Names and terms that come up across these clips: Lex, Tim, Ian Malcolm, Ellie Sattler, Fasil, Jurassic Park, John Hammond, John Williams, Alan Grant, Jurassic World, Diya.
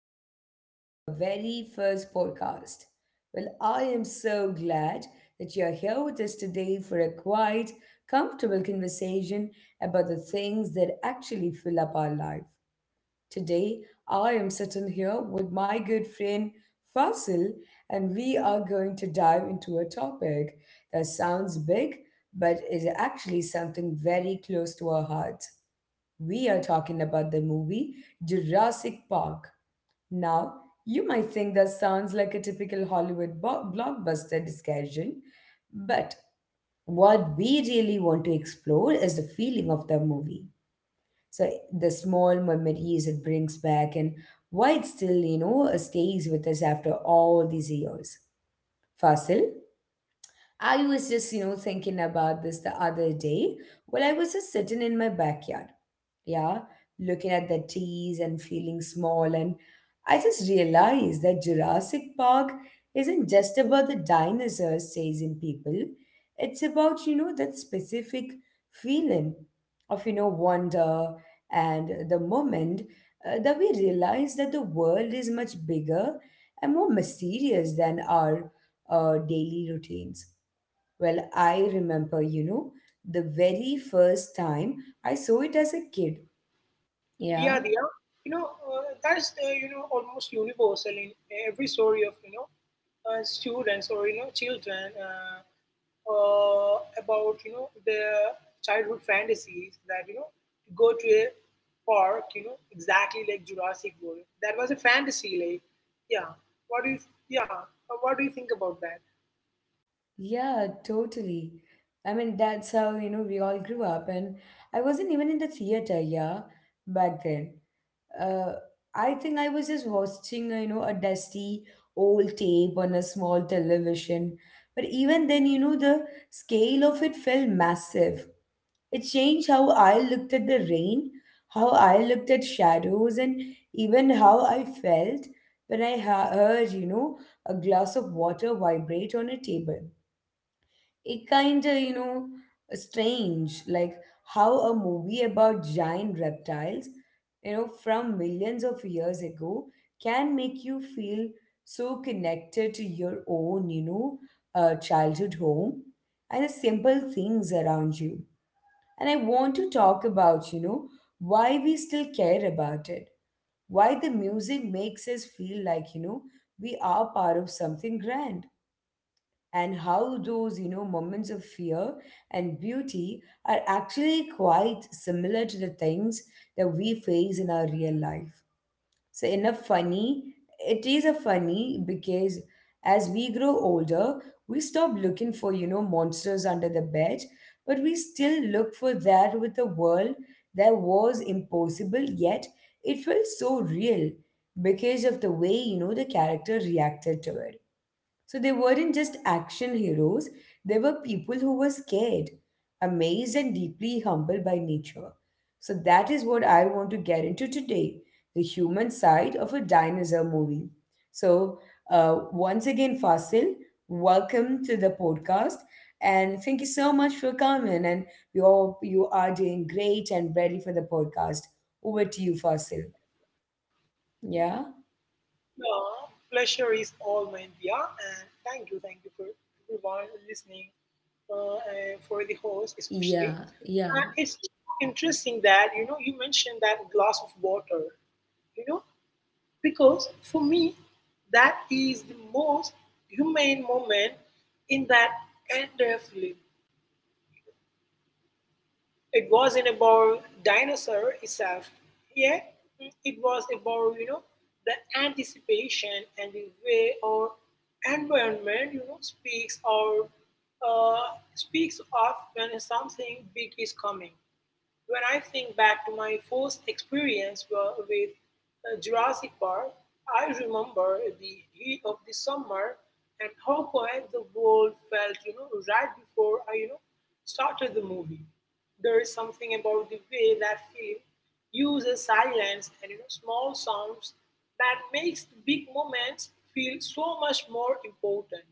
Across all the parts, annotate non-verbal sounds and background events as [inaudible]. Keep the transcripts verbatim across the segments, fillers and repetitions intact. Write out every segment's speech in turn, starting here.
welcome to our very first podcast. Well, I am so glad that you're here with us today for a quiet, comfortable conversation about the things that actually fill up our life. Today, I am sitting here with my good friend Fasil, and we are going to dive into a topic that sounds big, but is actually something very close to our hearts. We are talking about the movie Jurassic Park. Now, you might think that sounds like a typical Hollywood bo- blockbuster discussion, but what we really want to explore is the feeling of the movie. So the small memories it brings back and why it still, you know, stays with us after all these years. Fasil? I was just, you know, thinking about this the other day while I was just sitting in my backyard. Yeah, looking at the trees and feeling small. And I just realized that Jurassic Park isn't just about the dinosaurs chasing people, it's about, you know, that specific feeling of, you know, wonder and the moment uh, that we realize that the world is much bigger and more mysterious than our uh, daily routines. Well, I remember, you know, the very first time I saw it as a kid. Yeah, Yeah, Diya. You know, uh, that is, uh, you know, almost universal in every story of, you know, uh, students or, you know, children uh, uh, about, you know, their childhood fantasies that, you know, go to a park, you know, exactly like Jurassic World. That was a fantasy, like, yeah. What do you, yeah, uh, what do you think about that? yeah, totally. I mean, that's how, you know, we all grew up. And I wasn't even in the theater, yeah, back then. Uh, I think I was just watching, you know, a dusty old tape on a small television. But even then, you know, the scale of it felt massive. It changed how I looked at the rain, how I looked at shadows, and even how I felt when I ha- heard, you know, a glass of water vibrate on a table. It kind of, you know, strange, like how a movie about giant reptiles, you know, from millions of years ago can make you feel so connected to your own, you know, uh, childhood home and the simple things around you. And I want to talk about, you know, why we still care about it. Why the music makes us feel like, you know, we are part of something grand. And how those, you know, moments of fear and beauty are actually quite similar to the things that we face in our real life. So in a funny, it is a funny because as we grow older, we stop looking for, you know, monsters under the bed, but we still look for that with a world that was impossible, yet it felt so real because of the way, you know, the character reacted to it. So they weren't just action heroes, they were people who were scared, amazed, and deeply humbled by nature. So that is what I want to get into today, the human side of a dinosaur movie. So, uh, once again, Fasil, welcome to the podcast. And thank you so much for coming. And we hope you are doing great and ready for the podcast. Over to you, Fasil. Yeah? Yeah, pleasure is all mine, Dia, and thank you, thank you for everyone listening, uh, and for the host especially. Yeah, And it's yeah, interesting that you know you mentioned that glass of water, you know, because for me that is the most humane moment in that entire film. It wasn't about dinosaur itself, yeah. It was about you know the anticipation and the way our environment you know speaks or uh, speaks of when something big is coming. When I think back to my first experience wa- with uh, Jurassic Park, I remember the heat of the summer and how quiet the world felt, you know, right before I, you know, started the movie. There is something about the way that film uses silence and you know small sounds that makes the big moments feel so much more important.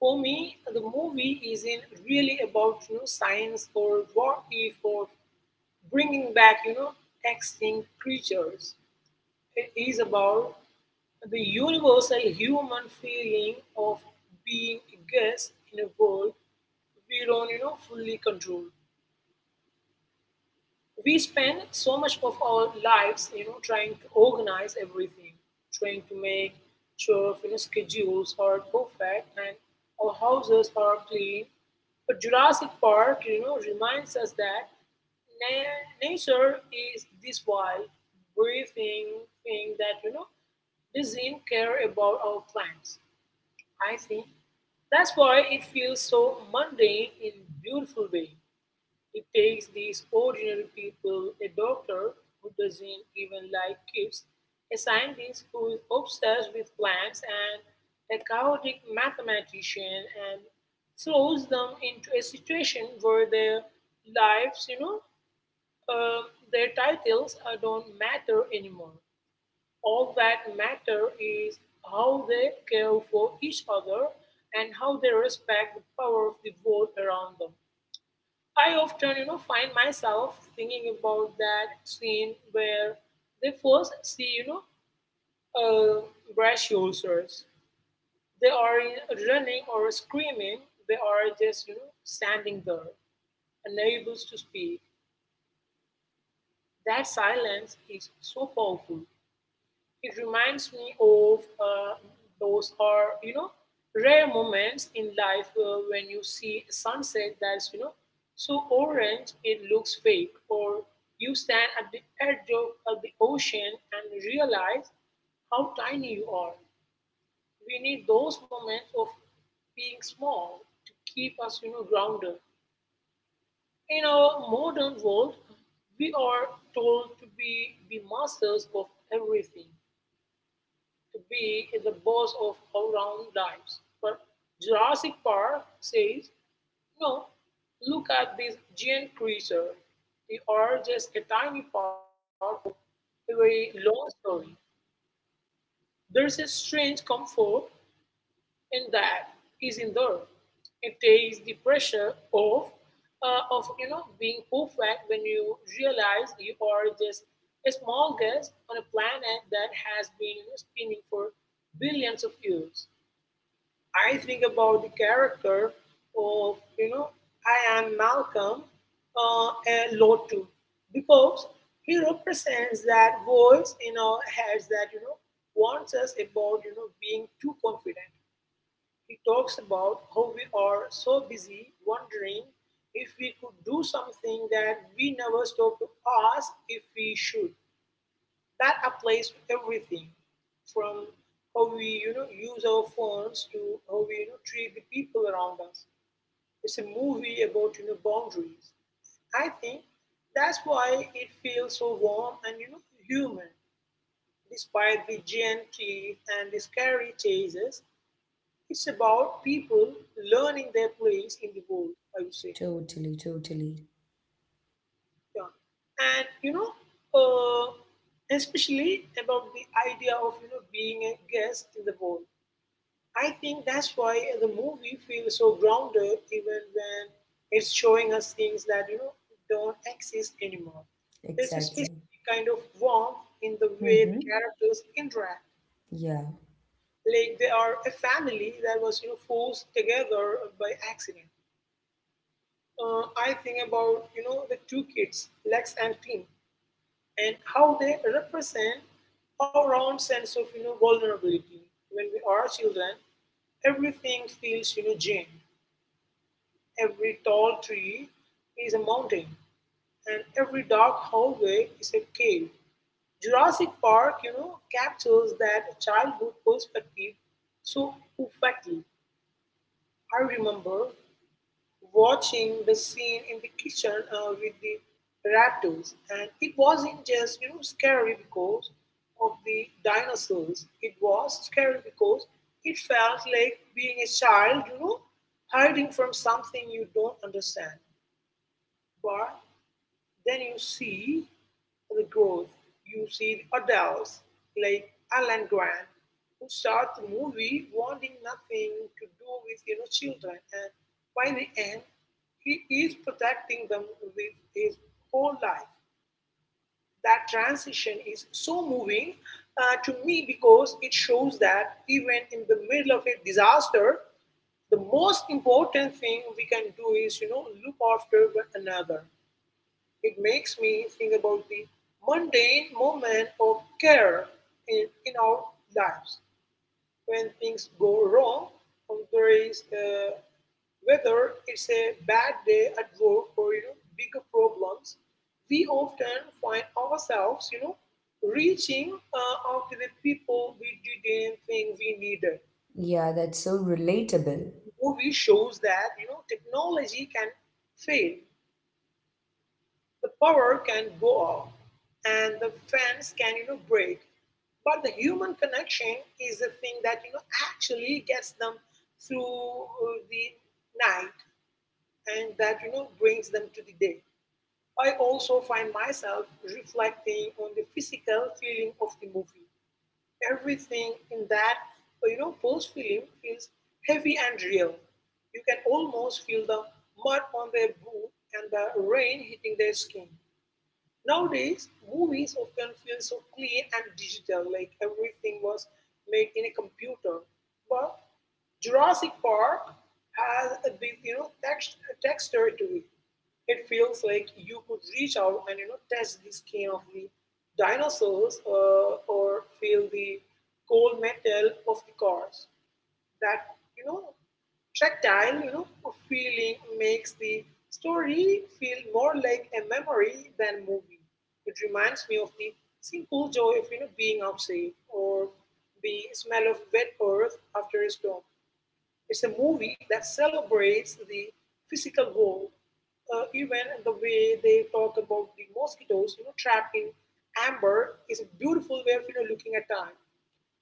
For me, the movie isn't really about you know science or what if or bringing back you know extinct creatures. It is about the universal human feeling of being a guest in a world we don't you know fully control. We spend so much of our lives you know trying to organize everything, trying to make sure you know schedules are perfect and our houses are clean, but Jurassic Park you know reminds us that na- nature is this wild, breathing thing that you know doesn't care about our plans. I think that's why it feels so mundane in beautiful way. It takes these ordinary people, a doctor who doesn't even like kids, a scientist who is obsessed with plants, and a chaotic mathematician, and throws them into a situation where their lives, you know, uh, their titles uh, don't matter anymore. All that matter is how they care for each other and how they respect the power of the world around them. I often, you know, find myself thinking about that scene where they first see, you know, uh, brachiosaurs. They are running or screaming. They are just, you know, standing there, unable to speak. That silence is so powerful. It reminds me of uh, those are you know rare moments in life uh, when you see a sunset that's you know so orange it looks fake, or you stand at the edge of, of the ocean and realize how tiny you are. We need those moments of being small to keep us, you know, grounded. In our modern world, we are told to be the masters of everything, be the boss of our own lives. But Jurassic Park says, no, look at this giant creature. They are just a tiny part of a very long story. There's a strange comfort in that is in there. It takes the pressure off uh, of you know being perfect when you realize you are just a small guest on a planet that has been you know spinning for billions of years. I think about the character of, you know, I am Malcolm uh, a lot too, because he represents that voice in our heads that, you know, warns us about, you know, being too confident. He talks about how we are so busy wondering if we could do something that we never stop to ask if we should. That applies to everything, from how we you know use our phones to how we you know treat the people around us. It's a movie about you know boundaries. I think that's why it feels so warm and you know human, despite the giant teeth and the scary chases. It's about people learning their place in the world, I would say. totally, totally. Yeah, and you know uh, especially about the idea of you know being a guest in the world. I think that's why the movie feels so grounded even when it's showing us things that you know don't exist anymore. There's a Exactly. specific kind of warmth in the way the Mm-hmm. characters interact, Yeah. like they are a family that was you know forced together by accident. Uh, I think about you know the two kids, Lex and Tim, and how they represent our own sense of you know vulnerability. When we are children everything feels you know Jane. Every tall tree is a mountain, and every dark hallway is a cave. Jurassic Park, you know, captures that childhood perspective so perfectly. I remember watching the scene in the kitchen uh, with the raptors, and it wasn't just you know scary because of the dinosaurs. It was scary because it felt like being a child, you know, hiding from something you don't understand. But then you see the growth. You see the adults like Alan Grant who start the movie wanting nothing to do with you know children, and by the end, he is protecting them with his whole life. That transition is so moving uh, to me because it shows that even in the middle of a disaster, the most important thing we can do is you know look after one another. It makes me think about the mundane moment of care in, in our lives. When things go wrong, there is uh, whether it's a bad day at work or you know bigger problems, we often find ourselves you know reaching uh, out to the people we didn't think we needed. Yeah, that's so relatable. Movie shows that you know technology can fail, the power can go off, and the fence can you know break, but the human connection is the thing that you know actually gets them through uh, the night and that you know brings them to the day. I also find myself reflecting on the physical feeling of the movie. Everything in that you know post film feels heavy and real. You can almost feel the mud on their boot and the rain hitting their skin. Nowadays, movies often feel so clean and digital, like everything was made in a computer. But Jurassic Park has a big, you know, text, texture to it. It feels like you could reach out and you know touch the skin of the dinosaurs uh, or feel the cold metal of the cars. That you know tactile you know feeling makes the story feel more like a memory than movie. It reminds me of the simple joy of you know being outside or the smell of wet earth after a storm. It's a movie that celebrates the physical world, uh, even the way they talk about the mosquitoes you know trapped in amber is a beautiful way of you know looking at time.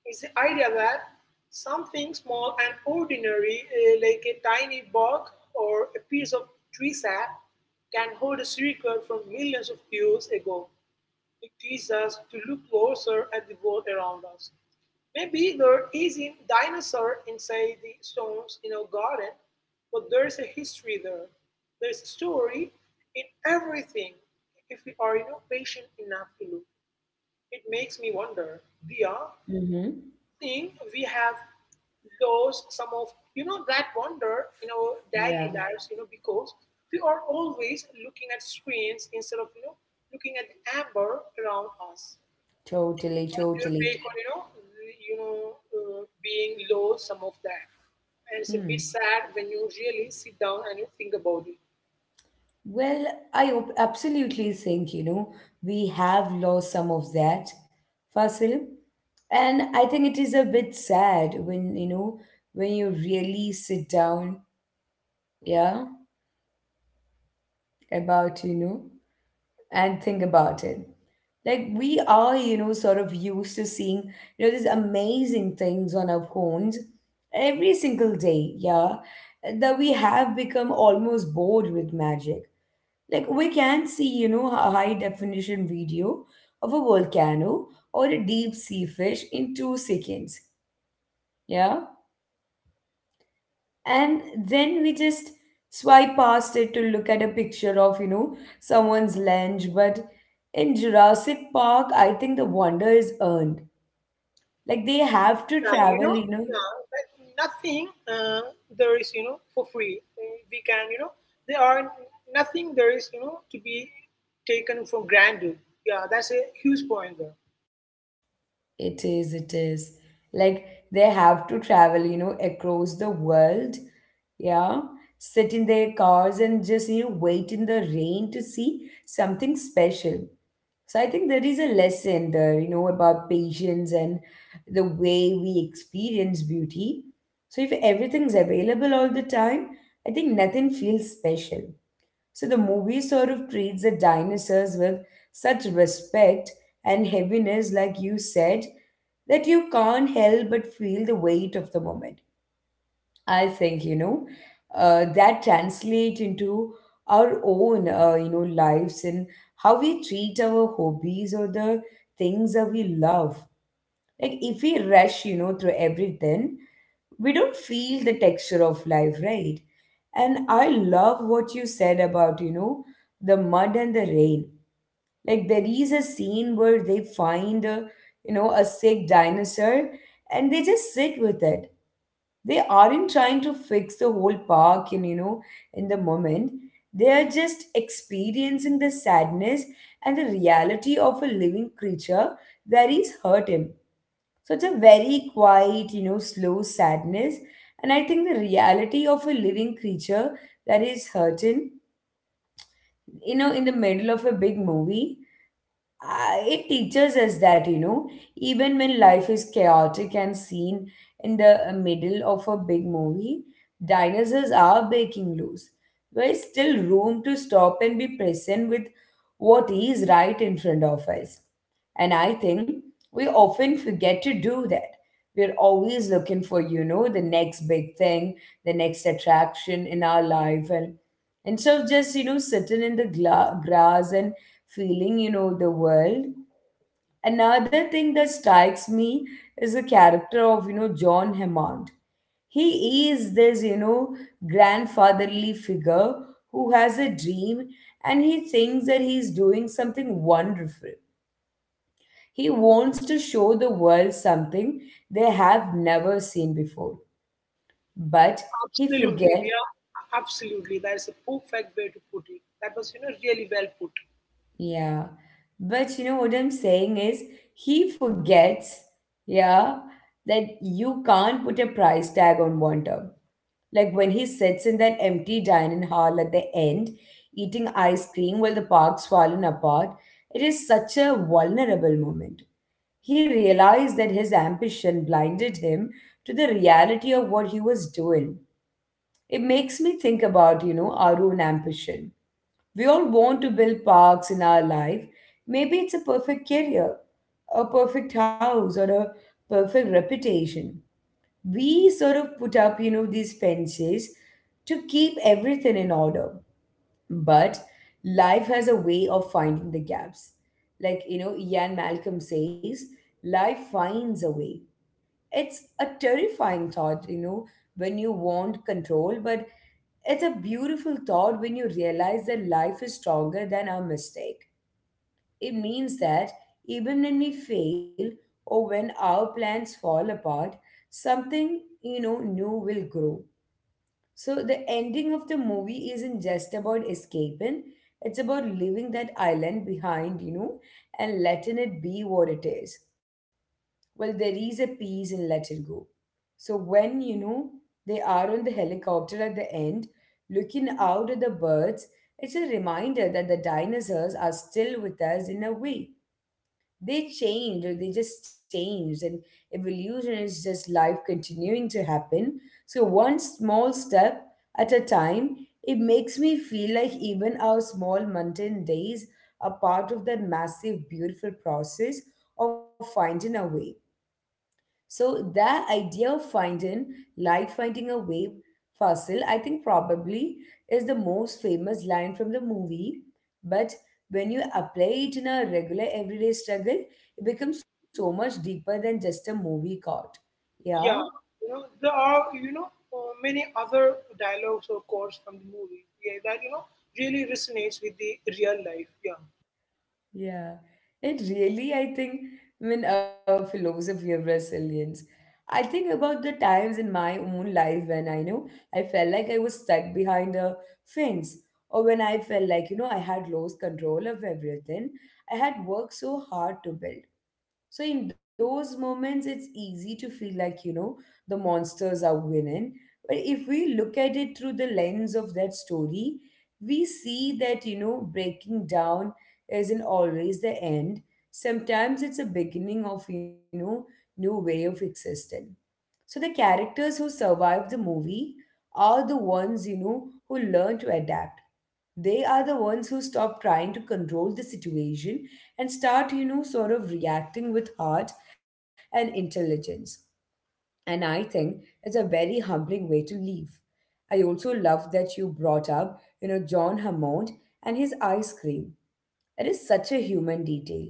Is the idea that something small and ordinary, eh, like a tiny bug or a piece of tree sap, can hold a secret from millions of years ago. It teaches us to look closer at the world around us. Maybe there isn't dinosaur inside the stones in our garden, but there's a history there. There's a story in everything if we are you know patient enough to look. It makes me wonder, Dia, Mm-hmm. think we have lost some of you know that wonder in our Yeah, daily lives you know because we are always looking at screens instead of you know looking at the amber around us. totally, Your totally. take on you know you know uh, being lost some of that, and it's a Hmm. bit sad when you really sit down and you think about it. Well, I op- absolutely think, you know, we have lost some of that, Fasil. And I think it is a bit sad when, you know, when you really sit down, yeah, about, you know, and think about it. Like we are, you know, sort of used to seeing, you know, these amazing things on our phones every single day, yeah, that we have become almost bored with magic. Like we can see, you know, a high definition video of a volcano or a deep sea fish in two seconds. Yeah, and then we just swipe past it to look at a picture of, you know, someone's lunch. But in Jurassic Park, I think the wonder is earned. Like they have Yeah, to you know, travel, you yeah, know but nothing uh, there is, you know, for free. Uh, We can, you know, there are nothing there is, you know, to be taken from granted. Yeah, that's a huge point there. it is it is like they have to travel, you know, across the world, yeah, sit in their cars and just, you know, wait in the rain to see something special. So I think there is a lesson there, you know, about patience and the way we experience beauty. So if everything's available all the time, I think nothing feels special. So the movie sort of treats the dinosaurs with such respect and heaviness, like you said, that you can't help but feel the weight of the moment. I think, you know, uh, that translate into our own, uh, you know, lives and how we treat our hobbies or the things that we love. Like if we rush, you know, through everything, we don't feel the texture of life, right? And I love what you said about, you know, the mud and the rain. Like there is a scene where they find a, you know, a sick dinosaur and they just sit with it. They aren't trying to fix the whole park in, you know, in the moment. They are just experiencing the sadness and the reality of a living creature that is hurting. So it's a very quiet, you know, slow sadness. And I think the reality of a living creature that is hurting, you know, in the middle of a big movie, uh, it teaches us that, you know, even when life is chaotic and seen in the middle of a big movie, dinosaurs are breaking loose, there is still room to stop and be present with what is right in front of us. And I think we often forget to do that. We're always looking for, you know, the next big thing, the next attraction in our life, and instead of just, you know, sitting in the gla- grass and feeling, you know, the world. Another thing that strikes me is the character of, you know, John Hammond. He is this, you know, grandfatherly figure who has a dream, and he thinks that he's doing something wonderful. He wants to show the world something they have never seen before. But he Absolutely, forget. yeah, absolutely. That is a perfect way to put it. That was, you know, really well put. Yeah. But you know what I'm saying is he forgets, yeah, that you can't put a price tag on wonder. Like when he sits in that empty dining hall at the end, eating ice cream while the park's fallen apart, it is such a vulnerable moment. He realized that his ambition blinded him to the reality of what he was doing. It makes me think about, you know, our own ambition. We all want to build parks in our life. Maybe it's a perfect career, a perfect house, or a perfect reputation. We sort of put up, you know, these fences to keep everything in order. But life has a way of finding the gaps. Like, you know, Ian Malcolm says, life finds a way. It's a terrifying thought, you know, when you want control, but it's a beautiful thought when you realize that life is stronger than our mistake. It means that even when we fail or when our plans fall apart, something, you know, new will grow. So the ending of the movie isn't just about escaping, it's about leaving that island behind, you know, and letting it be what it is. Well, there is a peace in letting go. So when, you know, they are on the helicopter at the end, looking out at the birds, it's a reminder that the dinosaurs are still with us in a way. They changed, or they just changed, and evolution is just life continuing to happen. So one small step at a time, it makes me feel like even our small mountain days are part of that massive, beautiful process of finding a way. So the idea of finding, like finding a wave fossil, I think probably is the most famous line from the movie. But when you apply it in a regular everyday struggle, it becomes so much deeper than just a movie chord. Yeah. Yeah, you know, there are, you know, uh, many other dialogues or quotes from the movie, yeah, that, you know, really resonates with the real life. Yeah. Yeah, it really, I think, I mean, our philosophy of resilience. I think about the times in my own life when I know I felt like I was stuck behind a fence, or when I felt like, you know, I had lost control of everything I had worked so hard to build. So in those moments, it's easy to feel like, you know, the monsters are winning. But if we look at it through the lens of that story, we see that, you know, breaking down isn't always the end. Sometimes it's a beginning of, you know, new way of existence. So the characters who survived the movie are the ones, you know, who learn to adapt. They are the ones who stop trying to control the situation and start, you know, sort of reacting with heart and intelligence. And I think it's a very humbling way to live. I also love that you brought up, you know, John Hammond and his ice cream. That is such a human detail.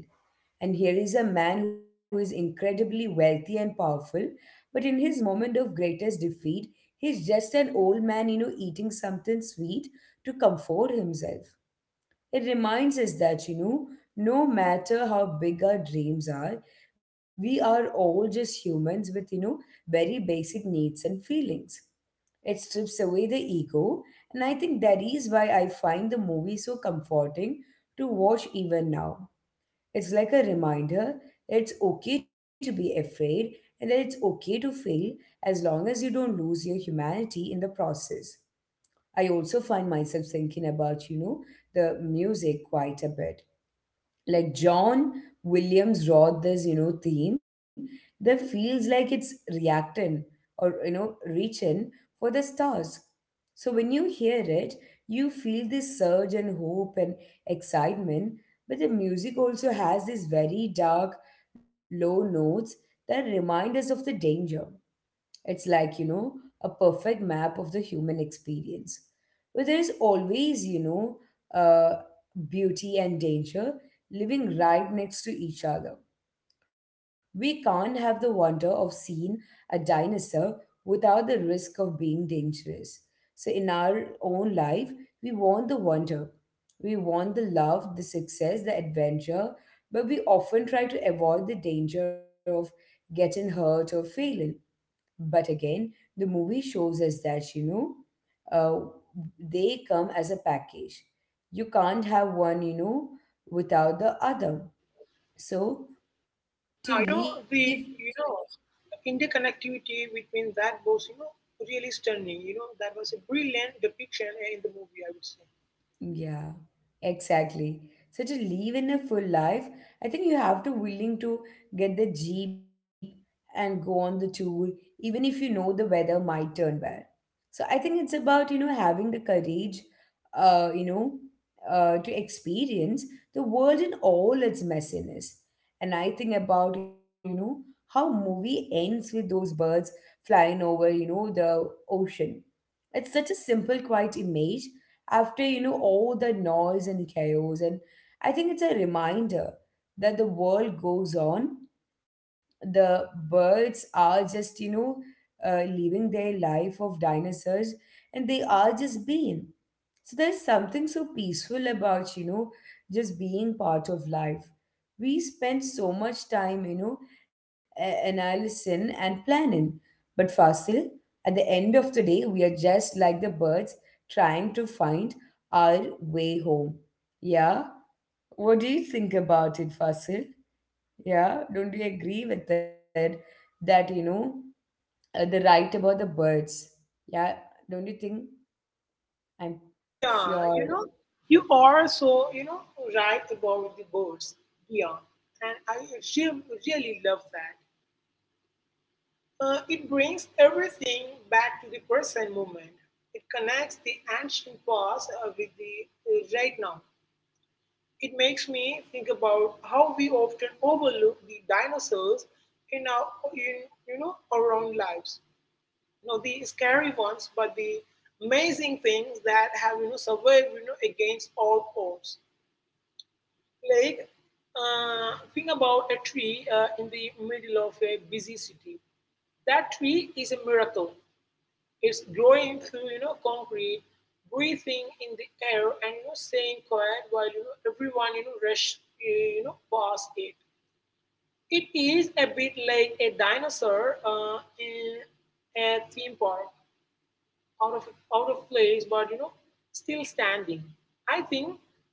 And here is a man who is incredibly wealthy and powerful, but in his moment of greatest defeat, he's just an old man, you know, eating something sweet to comfort himself. It reminds us that, you know, no matter how big our dreams are, we are all just humans with, you know, very basic needs and feelings. It strips away the ego, and I think that is why I find the movie so comforting to watch even now. It's like a reminder that it's okay to be afraid and that it's okay to fail as long as you don't lose your humanity in the process. I also find myself thinking about, you know, the music quite a bit, like John Williams wrote this, you know, theme that feels like it's reacting or you know, reaching for the stars. So when you hear it, you feel this surge and hope and excitement, but the music also has these very dark, low notes that remind us of the danger. It's like, you know, a perfect map of the human experience. Where there is always, you know, uh, beauty and danger living right next to each other. We can't have the wonder of seeing a dinosaur without the risk of being dangerous. So, in our own life, we want the wonder. We want the love, the success, the adventure, but we often try to avoid the danger of getting hurt or failing. But again, the movie shows us that, you know, uh, they come as a package. You can't have one, you know, without the other. So Yeah, you know, to the live. you know interconnectivity between that was, you know, really stunning. You know, that was a brilliant depiction in the movie, I would say. Yeah, exactly. So to live in a full life, I think you have to willing to get the jeep and go on the tour, even if you know the weather might turn bad. So I think it's about you know having the courage, uh, you know, uh, to experience the world in all its messiness. And I think about you know how movie ends with those birds flying over you know the ocean. It's such a simple, quiet image after, you know, all the noise and the chaos. And I think it's a reminder that the world goes on. The birds are just, you know, uh, living their life of dinosaurs and they are just being. So there's something so peaceful about, you know, just being part of life. We spend so much time, you know, a- analyzing and planning. But Fasil, at the end of the day, we are just like the birds trying to find our way home. Yeah? What do you think about it, Fasil? Yeah? Don't you agree with it that, you know, uh, the right about the birds? Yeah? Don't you think? I'm Yeah, you sure. know, you are so, you know, right about the birds. Yeah. And I re- really love that. Uh, it brings everything back to the present moment. It connects the ancient past uh, with the uh, right now. It makes me think about how we often overlook the dinosaurs in our in, you know our own lives. You know, the scary ones, but the amazing things that have you know survived you know against all odds. Like uh, think about a tree uh, in the middle of a busy city. That tree is a miracle. It's blowing through you know concrete, breathing in the air, and you know staying quiet while you know everyone you know rush you know past it. It is a bit like a dinosaur uh, in a theme park, out of out of place but you know still standing. I think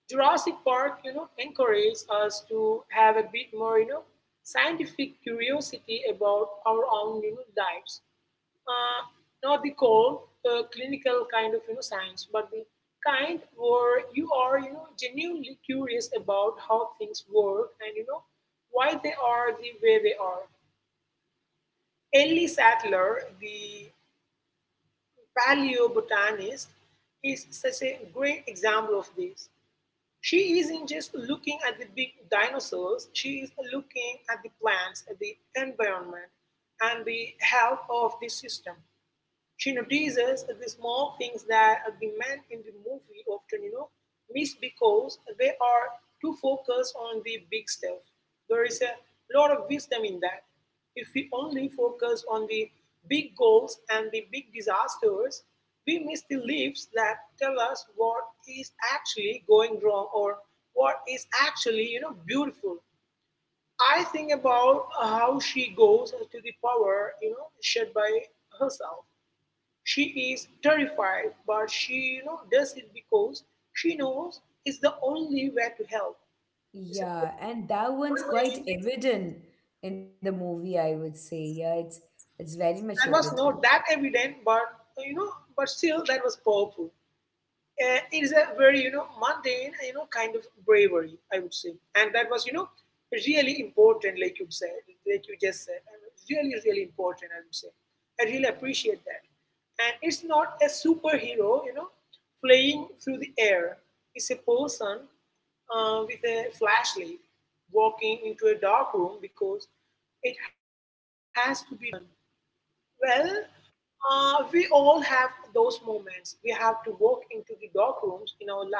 Jurassic Park you know encourages us to have a bit more you know scientific curiosity about our own, you know, lives, uh, not the cold, uh, clinical kind of you know science, but the kind where you are you know genuinely curious about how things work and you know why they are the way they are. Ellie Sattler, the paleobotanist, is such a great example of this. She isn't just looking at the big dinosaurs, she is looking at the plants, at the environment, and the health of the system. She notices that the small things that the men in the movie often, you know, miss because they are too focused on the big stuff. There is a lot of wisdom in that. If we only focus on the big goals and the big disasters, we miss the leaves that tell us what is actually going wrong or what is actually, you know, beautiful. I think about how she goes to the power, you know, shed by herself. She is terrified, but she you know, does it because she knows it's the only way to help. It's a Yeah, and that one one's quite thing evident in the movie, I would say. Yeah, it's it's very much that was evident. not that evident, but you know, but still that was powerful. Uh, it is a very you know mundane, you know kind of bravery, I would say, and that was you know really important, like you said, like you just said, and really, really important, I would say. I really appreciate that. And it's not a superhero you know flying through the air. It's a person uh, with a flashlight, walking into a dark room because it has to be done. Well, uh, we all have those moments. We have to walk into the dark rooms in our lives,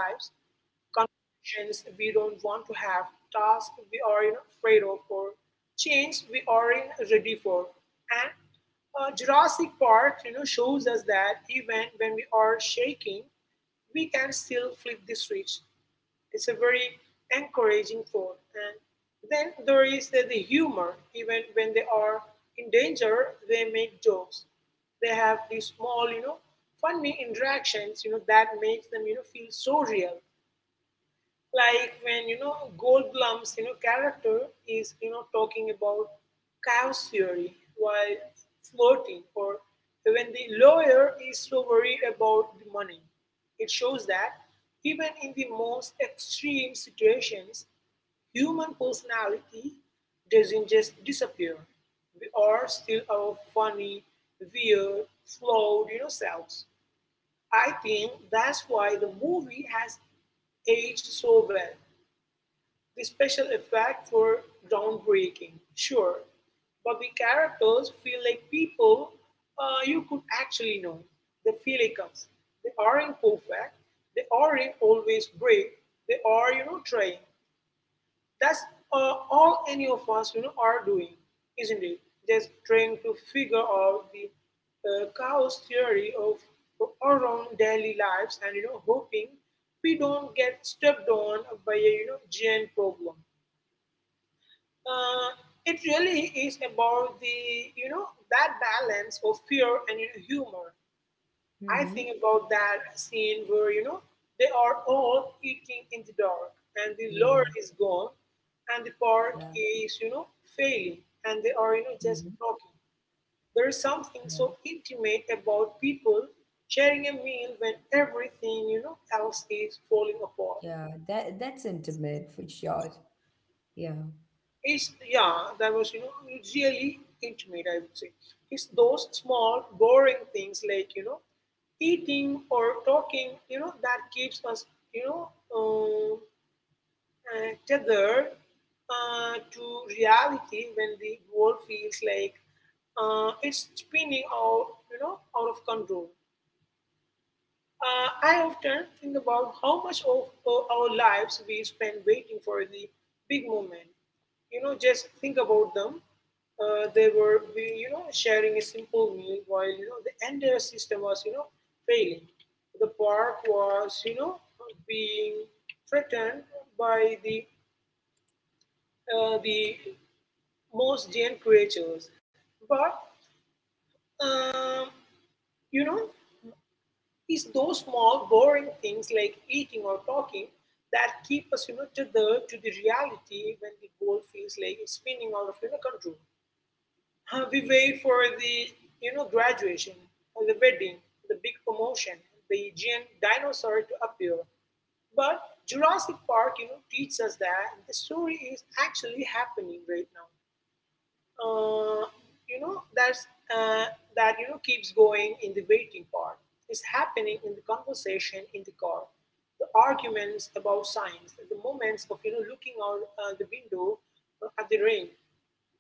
conversations we don't want to have, tasks we are, you know, afraid of, or change we are in ready for. And uh, Jurassic Park, you know, shows us that even when we are shaking, we can still flip the switch. It's a very encouraging thought. And then there is the, the humor. Even when they are in danger, they make jokes. They have these small, you know, funny interactions, you know, that makes them, you know, feel so real, like when you know Goldblum's you know character is you know talking about chaos theory while flirting, or when the lawyer is so worried about the money. It shows that even in the most extreme situations, human personality doesn't just disappear. We are still our funny, weird, flawed, you know, selves. I think that's why the movie has aged so well. The special effects were groundbreaking, sure, but the characters feel like people uh, you could actually know. They feel like us. They aren't perfect. They aren't always brave. They are, you know, trying. That's uh, all any of us, you know, are doing, isn't it? Just trying to figure out the uh, chaos theory of our own daily lives, and, you know, hoping we don't get stepped on by a you know giant problem. uh, it really is about the you know that balance of fear and, you know, humor. I think Mm-hmm. about that scene where you know they are all eating in the dark, and the Yeah, Lord is gone, and the park yeah. is, you know failing, and they are, you know Mm-hmm. just talking. There is something Yeah. so intimate about people sharing a meal when everything you know else is falling apart. Yeah. That that's intimate for sure. Yeah. Is. Yeah, that was you know really intimate, I would say. It's those small boring things like, you know eating or talking, you know that keeps us, you know uh, uh, tethered, uh, to reality when the world feels like, uh, it's spinning out you know out of control. uh, I often think about how much of uh, our lives we spend waiting for the big moment. You know, just think about them. Uh, they were, we- you know, sharing a simple meal while you know the entire system was, you know, failing. The park was, you know, being threatened by the uh, the most giant creatures. But um, you know, it's those small boring things like eating or talking that keep us, you know tethered to the reality when the world feels like it's spinning out of, you know, control. Uh, we wait for the, you know graduation, or the wedding, the big promotion, the giant dinosaur to appear. But Jurassic Park you know teaches us that the story is actually happening right now. uh, you know that's uh, that, you know keeps going in the waiting part, is happening in the conversation, in the car, the arguments about signs, the moments of, you know looking out uh, the window, uh, at the rain.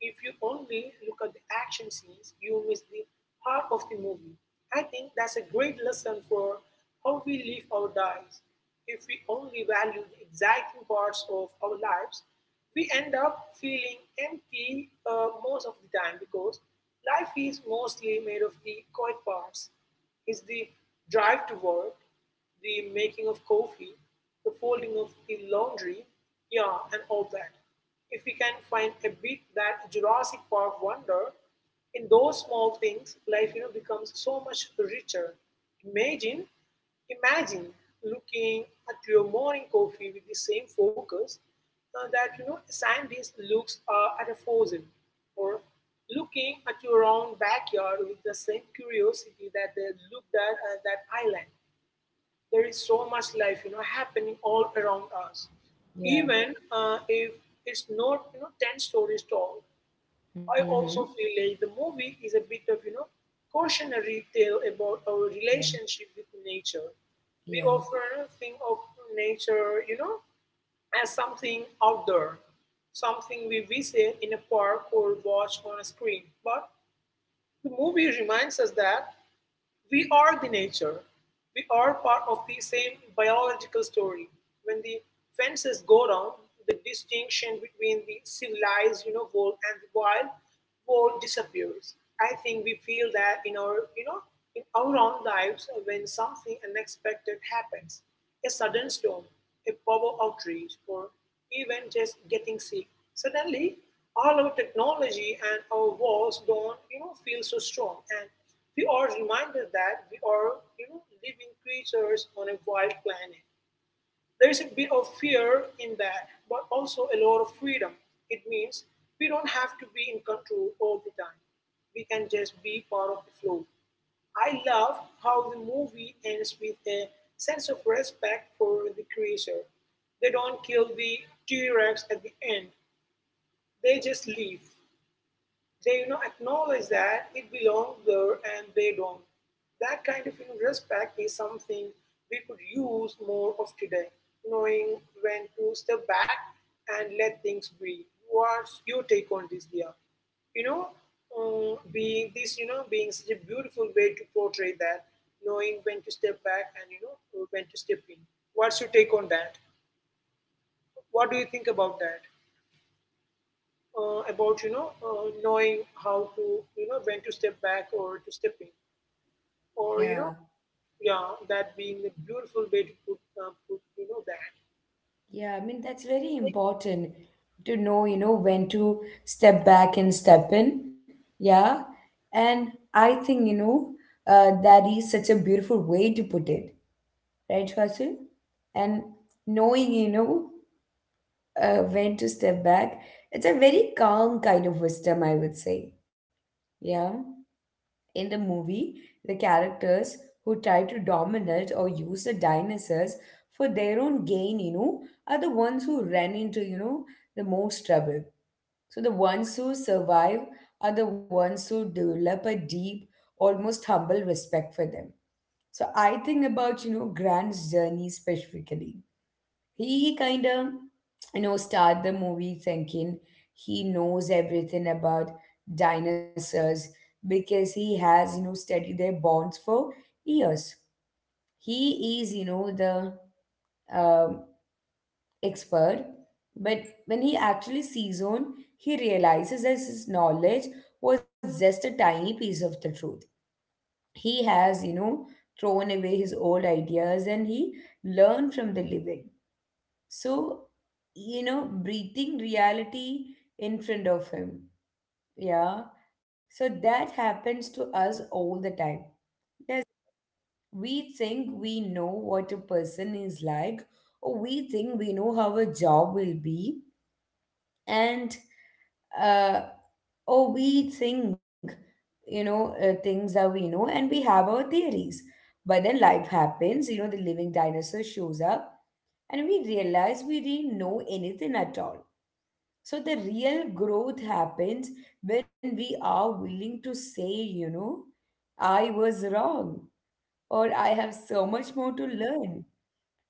If you only look at the action scenes, you miss the heart of the movie. I think that's a great lesson for how we live our lives. If we only value the exciting parts of our lives, we end up feeling empty uh, most of the time, because life is mostly made of the quiet parts. It's the drive to work, the making of coffee, the folding of the laundry, yeah, and all that. If we can find a bit that Jurassic Park wonder in those small things, life you know becomes so much richer. Imagine, imagine looking at your morning coffee with the same focus uh, that you know scientists looks, uh, at a fossil, or looking at your own backyard with the same curiosity that they looked at, uh, that island. There is so much life, you know, happening all around us, Yeah. even, uh, if it's not, you know, ten stories tall. I Mm-hmm. also feel like the movie is a bit of, you know, cautionary tale about our Yeah. relationship with nature. We Yeah. often think of nature, you know, as something outdoor, something we visit in a park or watch on a screen. But the movie reminds us that we are the nature. We are part of the same biological story. When the fences go down, the distinction between the civilized, you know, world and the wild world disappears. I think we feel that in our, you know, in our own lives when something unexpected happens, a sudden storm, a power outrage, or even just getting sick. Suddenly, all our technology and our walls don't, you know, feel so strong, and we are reminded that we are, you know, living creatures on a wild planet. There is a bit of fear in that, but also a lot of freedom. It means we don't have to be in control all the time. We can just be part of the flow. I love how the movie ends with a sense of respect for the creature. They don't kill the T Rex at the end, they just leave. They you know acknowledge that it belongs there and they don't. That kind of, you know, respect is something we could use more of today. Knowing when to step back and let things be. What's your take on this, Dia? You know, um, being this, you know, being such a beautiful way to portray that. Knowing when to step back and, you know when to step in. What's your take on that? What do you think about that? Uh, about, you know uh, knowing how to, you know when to step back or to step in, or you know Yeah. yeah, that being a beautiful way to put, uh, put you know that. Yeah. I mean, that's very important to know, you know, when to step back and step in. Yeah. And I think, you know, uh, that is such a beautiful way to put it, right, Fasil? And knowing, you know, uh, when to step back, it's a very calm kind of wisdom, I would say. Yeah. In the movie, the characters who try to dominate or use the dinosaurs for their own gain, you know, are the ones who run into, you know, the most trouble. So the ones who survive are the ones who develop a deep, almost humble respect for them. So I think about, you know, Grant's journey specifically. He kind of you know start the movie thinking he knows everything about dinosaurs because he has you know studied their bones for years. He is you know the um, expert. But when he actually sees on, he realizes that his knowledge was just a tiny piece of the truth. He has you know thrown away his old ideas and he learned from the living. So, you know, breathing reality in front of him. Yeah. So that happens to us all the time. Does we think we know what a person is like, or we think we know how a job will be, and uh, or we think, you know, uh, things that we know, and we have our theories. But then life happens. You know, the living dinosaur shows up, and we realize we didn't know anything at all. So the real growth happens when we are willing to say, you know, I was wrong or I have so much more to learn.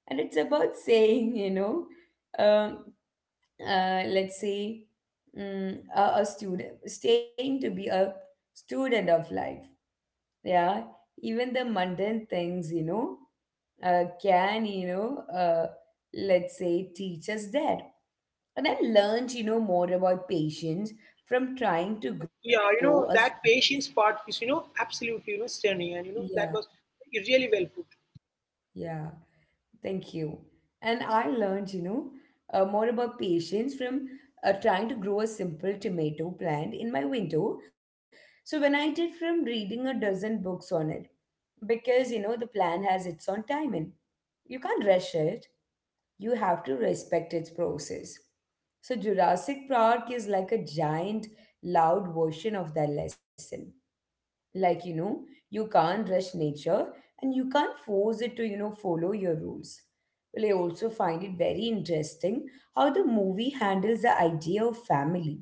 And it's about saying, you know, um, uh, let's say mm, a, a student, staying to be a student of life. Yeah. Even the mundane things, you know, uh, can, you know, uh, let's say teach us that. And I learned, you know, more about patience from trying to Yeah, grow a. you s- know that patience part is you know absolutely, you know stunning, and you know Yeah, that was really well put. yeah. Thank you. And I learned, you know, uh, more about patience from uh, trying to grow a simple tomato plant in my window. So when I did from reading a dozen books on it, because you know the plant has its own timing. You can't rush it. You have to respect its process. So Jurassic Park is like a giant, loud version of that lesson, like you know you can't rush nature and you can't force it to you know follow your rules. Well, I also find it very interesting how the movie handles the idea of family.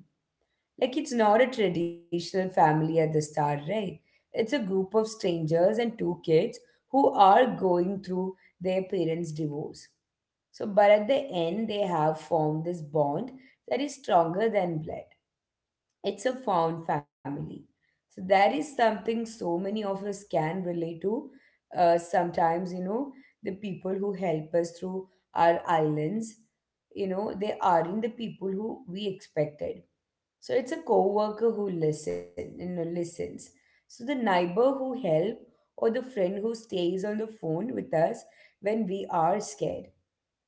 Like, it's not a traditional family at the start, right? It's a group of strangers and two kids who are going through their parents divorce. So but at the end they have formed this bond that is stronger than blood. It's a found family. So that is something so many of us can relate to. Uh, sometimes, you know, the people who help us through our islands, you know, they aren't the people who we expected. So it's a coworker who listen, you know, listens. So the neighbor who help or the friend who stays on the phone with us when we are scared.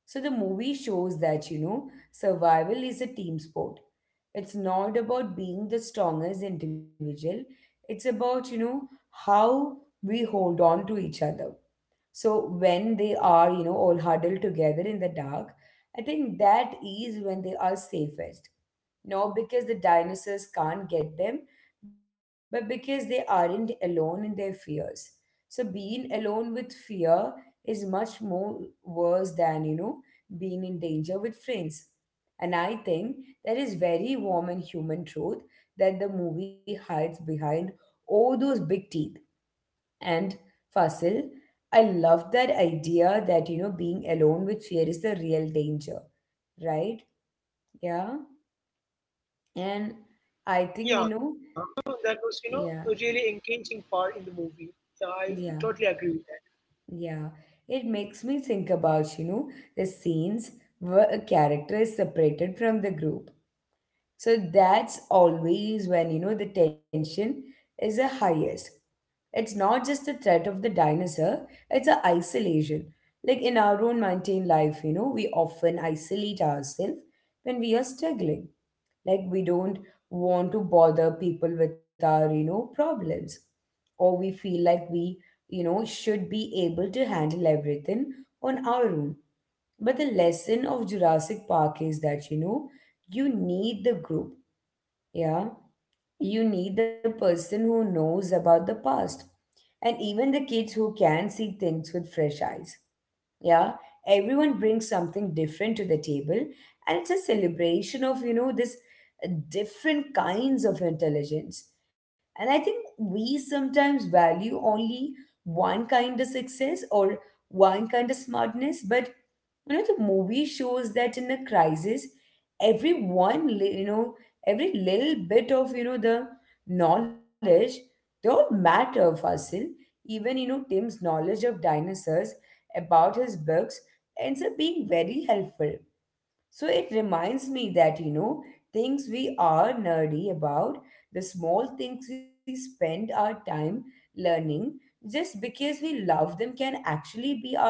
So the movie shows that, you know, survival is a team sport. It's not about being the strongest individual. It's about, you know, how we hold on to each other. So when they are, you know, all huddled together in the dark, I think that is when they are safest. Not because the dinosaurs can't get them, but because they aren't alone in their fears. So being alone with fear is much more worse than, you know, being in danger with friends. And I think that is very warm and human truth that the movie hides behind all those big teeth and Fasil, I love that idea that you know being alone with fear is the real danger, right? Yeah, and I think you Yeah, know, you know that was you know yeah, a really engaging part in the movie. Yeah, I yeah, totally agree with that. yeah. It makes me think about you know the scenes where a character is separated from the group. So that's always when you know the tension is the highest. It's not just the threat of the dinosaur, it's the isolation. Like in our own mundane life, you know, we often isolate ourselves when we are struggling. Like we don't want to bother people with our, you know, problems. Or we feel like we, you know, should be able to handle everything on our own. But the lesson of Jurassic Park is that, you know, you need the group. Yeah, you need the person who knows about the past and even the kids who can see things with fresh eyes. Yeah, everyone brings something different to the table and it's a celebration of, you know, this uh, different kinds of intelligence. And I think we sometimes value only one kind of success or one kind of smartness, but you know the movie shows that in a crisis everyone li- you know every little bit of you know the knowledge, they all matter, Fasil. Even you know Tim's knowledge of dinosaurs about his books ends up being very helpful. So it reminds me that you know things we are nerdy about, the small things we spend our time learning just because we love them, can actually be our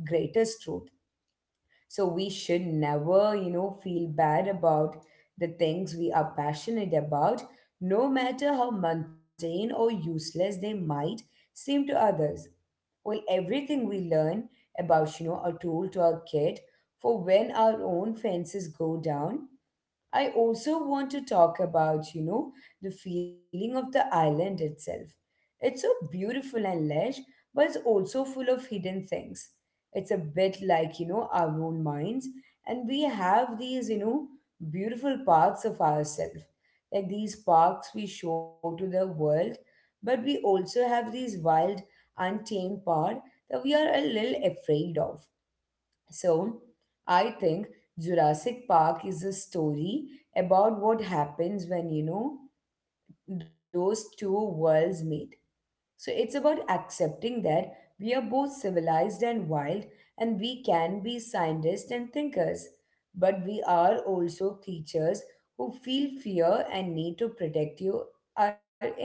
greatest truth. So we should never, you know, feel bad about the things we are passionate about, no matter how mundane or useless they might seem to others. Well, everything we learn about, you know, a tool to our kid for when our own fences go down. I also want to talk about, you know, the feeling of the island itself. It's so beautiful and lush, but it's also full of hidden things. It's a bit like, you know, our own minds, and we have these, you know, beautiful parts of ourselves. Like these parks we show to the world, but we also have these wild, untamed part that we are a little afraid of. So I think Jurassic Park is a story about what happens when, you know, those two worlds meet. So it's about accepting that we are both civilized and wild, and we can be scientists and thinkers, but we are also creatures who feel fear and need to protect you are in.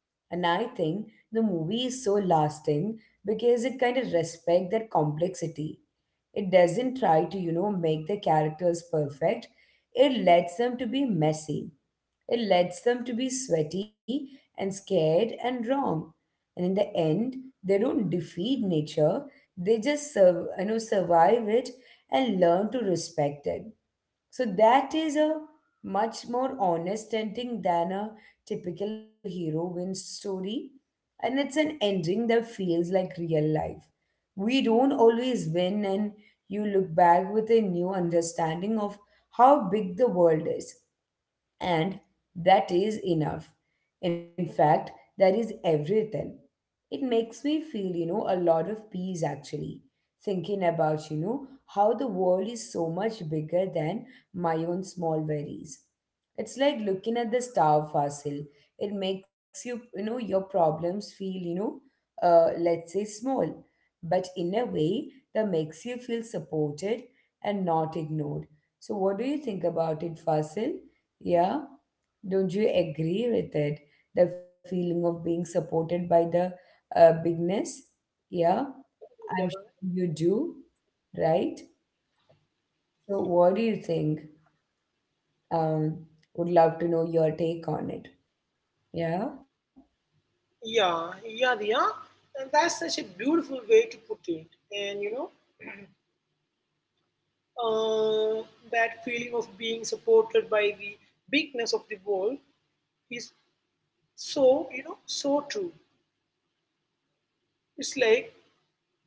And I think the movie is so lasting because it kind of respects that complexity. It doesn't try to, you know, make the characters perfect. It lets them to be messy. It lets them to be sweaty and scared and wrong. And in the end, they don't defeat nature. They just, sur- you know, survive it and learn to respect it. So that is a much more honest ending than a typical hero wins story. And it's an ending that feels like real life. We don't always win, and you look back with a new understanding of how big the world is. And that is enough. In fact, that is everything. It makes me feel, you know, a lot of peace actually, thinking about, you know, how the world is so much bigger than my own small worries. It's like looking at the star fossil. It makes you, you know, your problems feel, you know, uh, let's say small, but in a way that makes you feel supported and not ignored. So, what do you think about it, Fasil? Yeah, don't you agree with it? The feeling of being supported by the uh, bigness? Yeah, But I'm sure you do, right? So, what do you think? Um, would love to know your take on it. Yeah, yeah, yeah, yeah, and that's such a beautiful way to put it. And you know Uh, that feeling of being supported by the bigness of the world is so you know so true. It's like,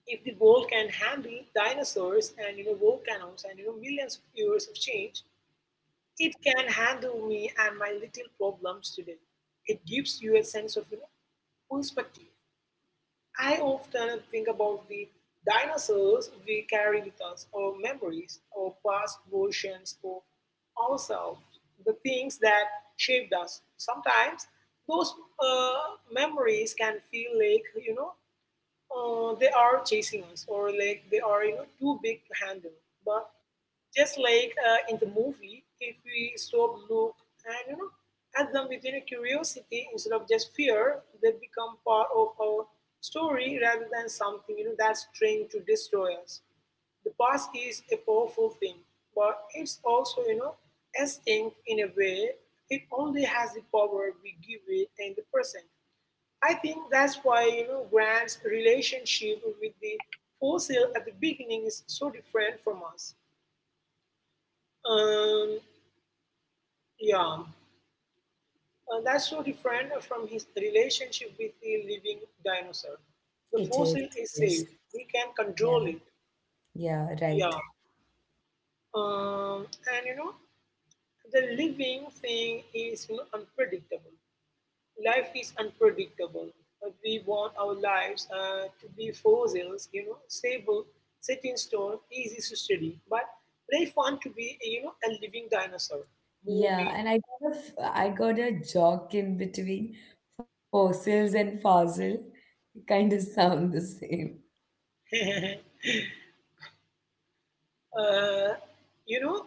if the world can handle dinosaurs and, you know volcanoes, and, you know millions of years of change, it can handle me and my little problems today. It gives you a sense of, you know perspective. I often think about the dinosaurs we carry with us, our memories, our past versions of ourselves, the things that shaped us. Sometimes those uh, memories can feel like, you know, uh, they are chasing us or like they are you know too big to handle, but just like uh, in the movie, if we stop, look, and you know at them with you know, curiosity instead of just fear, they become part of our story rather than something you know that's trained to destroy us. The past is a powerful thing, but it's also you know extinct in a way. It only has the power we give it in the present. I think that's why you know Grant's relationship with the fossil at the beginning is so different from us. Um, yeah, Uh, that's so different from his relationship with the living dinosaur. The it is. fossil is Yes. safe; we can Yeah. control it. Yeah. Right. Yeah, um, and you know the living thing is you know unpredictable. Life is unpredictable. But we want our lives uh, to be fossils, you know, stable, set in stone, easy to study. But life want to be, you know, a living dinosaur, Yeah, moving, and I got a, f- I got a jock in between fossils and fossil. Kind of [laughs] sound the same. [laughs] uh, you know,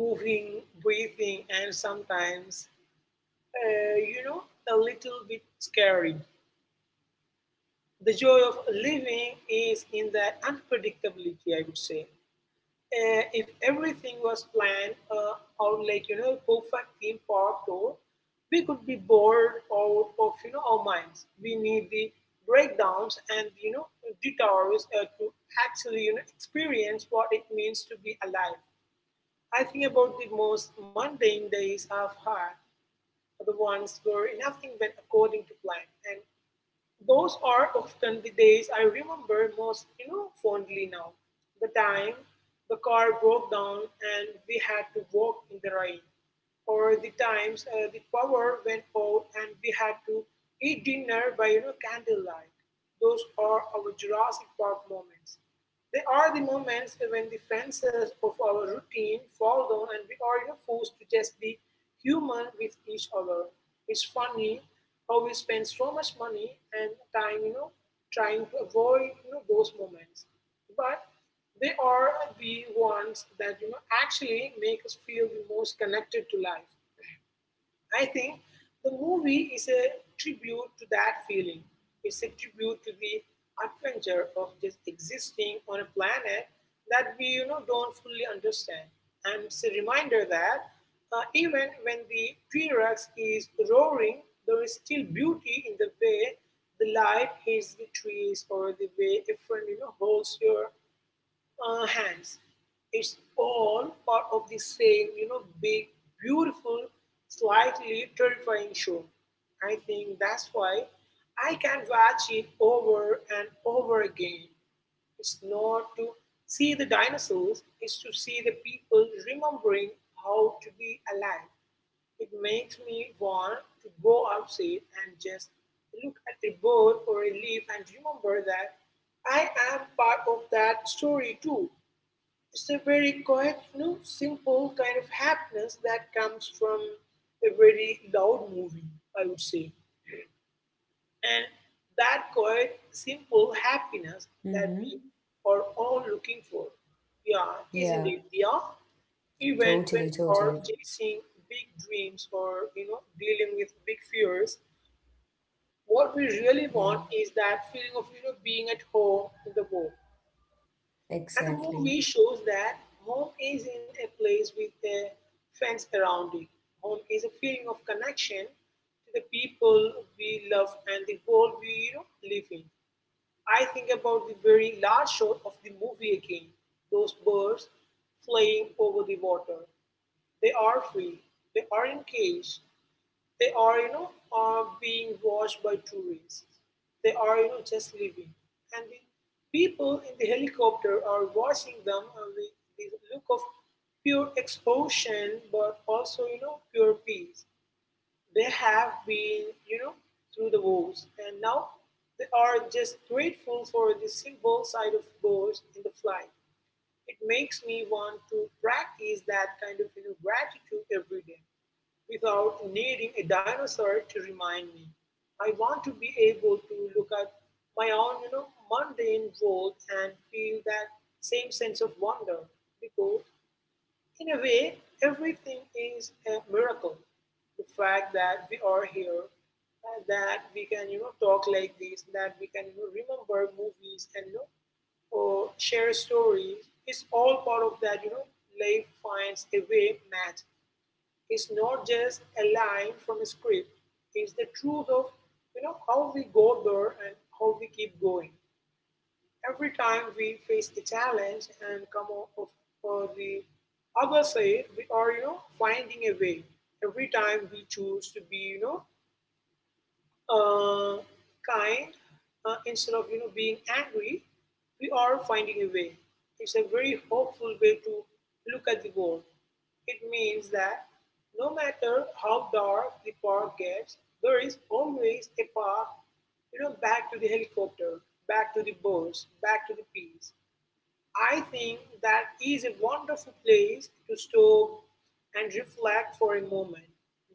moving, breathing, and sometimes, uh, you know, a little bit scary. The joy of living is in that unpredictability, I would say. Uh, if everything was planned uh, out like you know a perfect theme park tour, we could be bored out of you know our minds. We need the breakdowns and you know detours uh, to actually you know experience what it means to be alive. I think about the most mundane days I've had, the ones where nothing went according to plan, and those are often the days I remember most, you know, fondly now. The time the car broke down and we had to walk in the rain, or the times uh, the power went out and we had to eat dinner by you know candlelight. Those are our Jurassic Park moments. They are the moments when the fences of our routine fall down and we are, you know, forced to just be human with each other. It's funny how we spend so much money and time, you know, trying to avoid, you know, those moments. But they are the ones that you know actually make us feel the most connected to life. I think the movie is a tribute to that feeling. It's a tribute to the adventure of just existing on a planet that we you know don't fully understand. And it's a reminder that uh, even when the T-Rex is roaring, there is still beauty in the way the light hits the trees or the way a friend you know holds your uh, hands. It's all part of the same, you know, big, beautiful, slightly terrifying show. I think that's why I can watch it over and over again. It's not to see the dinosaurs, it's to see the people remembering how to be alive. It makes me want to go outside and just look at a bird or a leaf and remember that I am part of that story too. It's a very quiet, you know, simple kind of happiness that comes from a very loud movie, I would say. And that quiet, simple happiness that we Mm-hmm. are all looking for. Yeah, isn't Yeah. it? Yeah. Even when Totally. we are Totally. chasing big dreams or you know dealing with big fears, Yeah. what we really want is that feeling of you know being at home in the world. Exactly. And the movie shows that home isn't a place with a fence around it. Home is a feeling of connection to the people we love and the world we, you know, live in. I think about the very last shot of the movie, again those birds flying over the water. They are free, they are in cages, they are, you know, uh, being watched by tourists. They are, you know, just living. And the people in the helicopter are watching them uh, with this look of pure exhaustion, but also, you know, pure peace. They have been, you know, through the wars, and now they are just grateful for the simple side of wars in the flight. It makes me want to practice that kind of, you know, gratitude every day without needing a dinosaur to remind me. I want to be able to look at my own, you know, mundane world and feel that same sense of wonder because, in a way, everything is a miracle. The fact that we are here, uh, that we can, you know talk like this, that we can, you know, remember movies and you know or share stories is all part of that. You know life finds a way match is not just a line from a script. It's the truth of you know how we go there and how we keep going. Every time we face a challenge and come off of uh, the other side, we are, you know finding a way. Every time we choose to be, you know uh, kind, uh, instead of you know being angry, we are finding a way. It's a very hopeful way to look at the world. It means that no matter how dark the park gets, there is always a path, you know, back to the helicopter, back to the birds, back to the peace. I think that is a wonderful place to stop and reflect for a moment,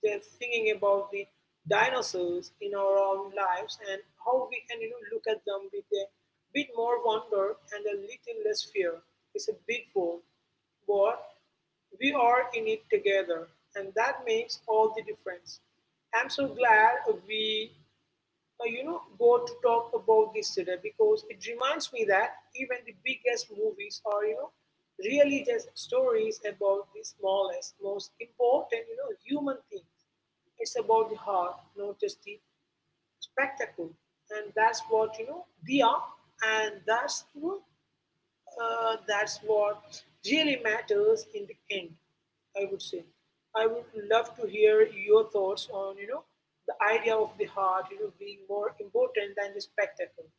just thinking about the dinosaurs in our own lives and how we can, you know, look at them with a bit more wonder and a little less fear. It's a big world, but we are in it together, and that makes all the difference. I'm so glad we uh, you know, go to talk about this today because it reminds me that even the biggest movies are, you know, really just stories about the smallest, most important, you know, human things. It's about the heart, not just the spectacle. And that's what, you know, they are. And that's, you know, uh, that's what really matters in the end, I would say. I would love to hear your thoughts on, you know, the idea of the heart, you know, being more important than the spectacle.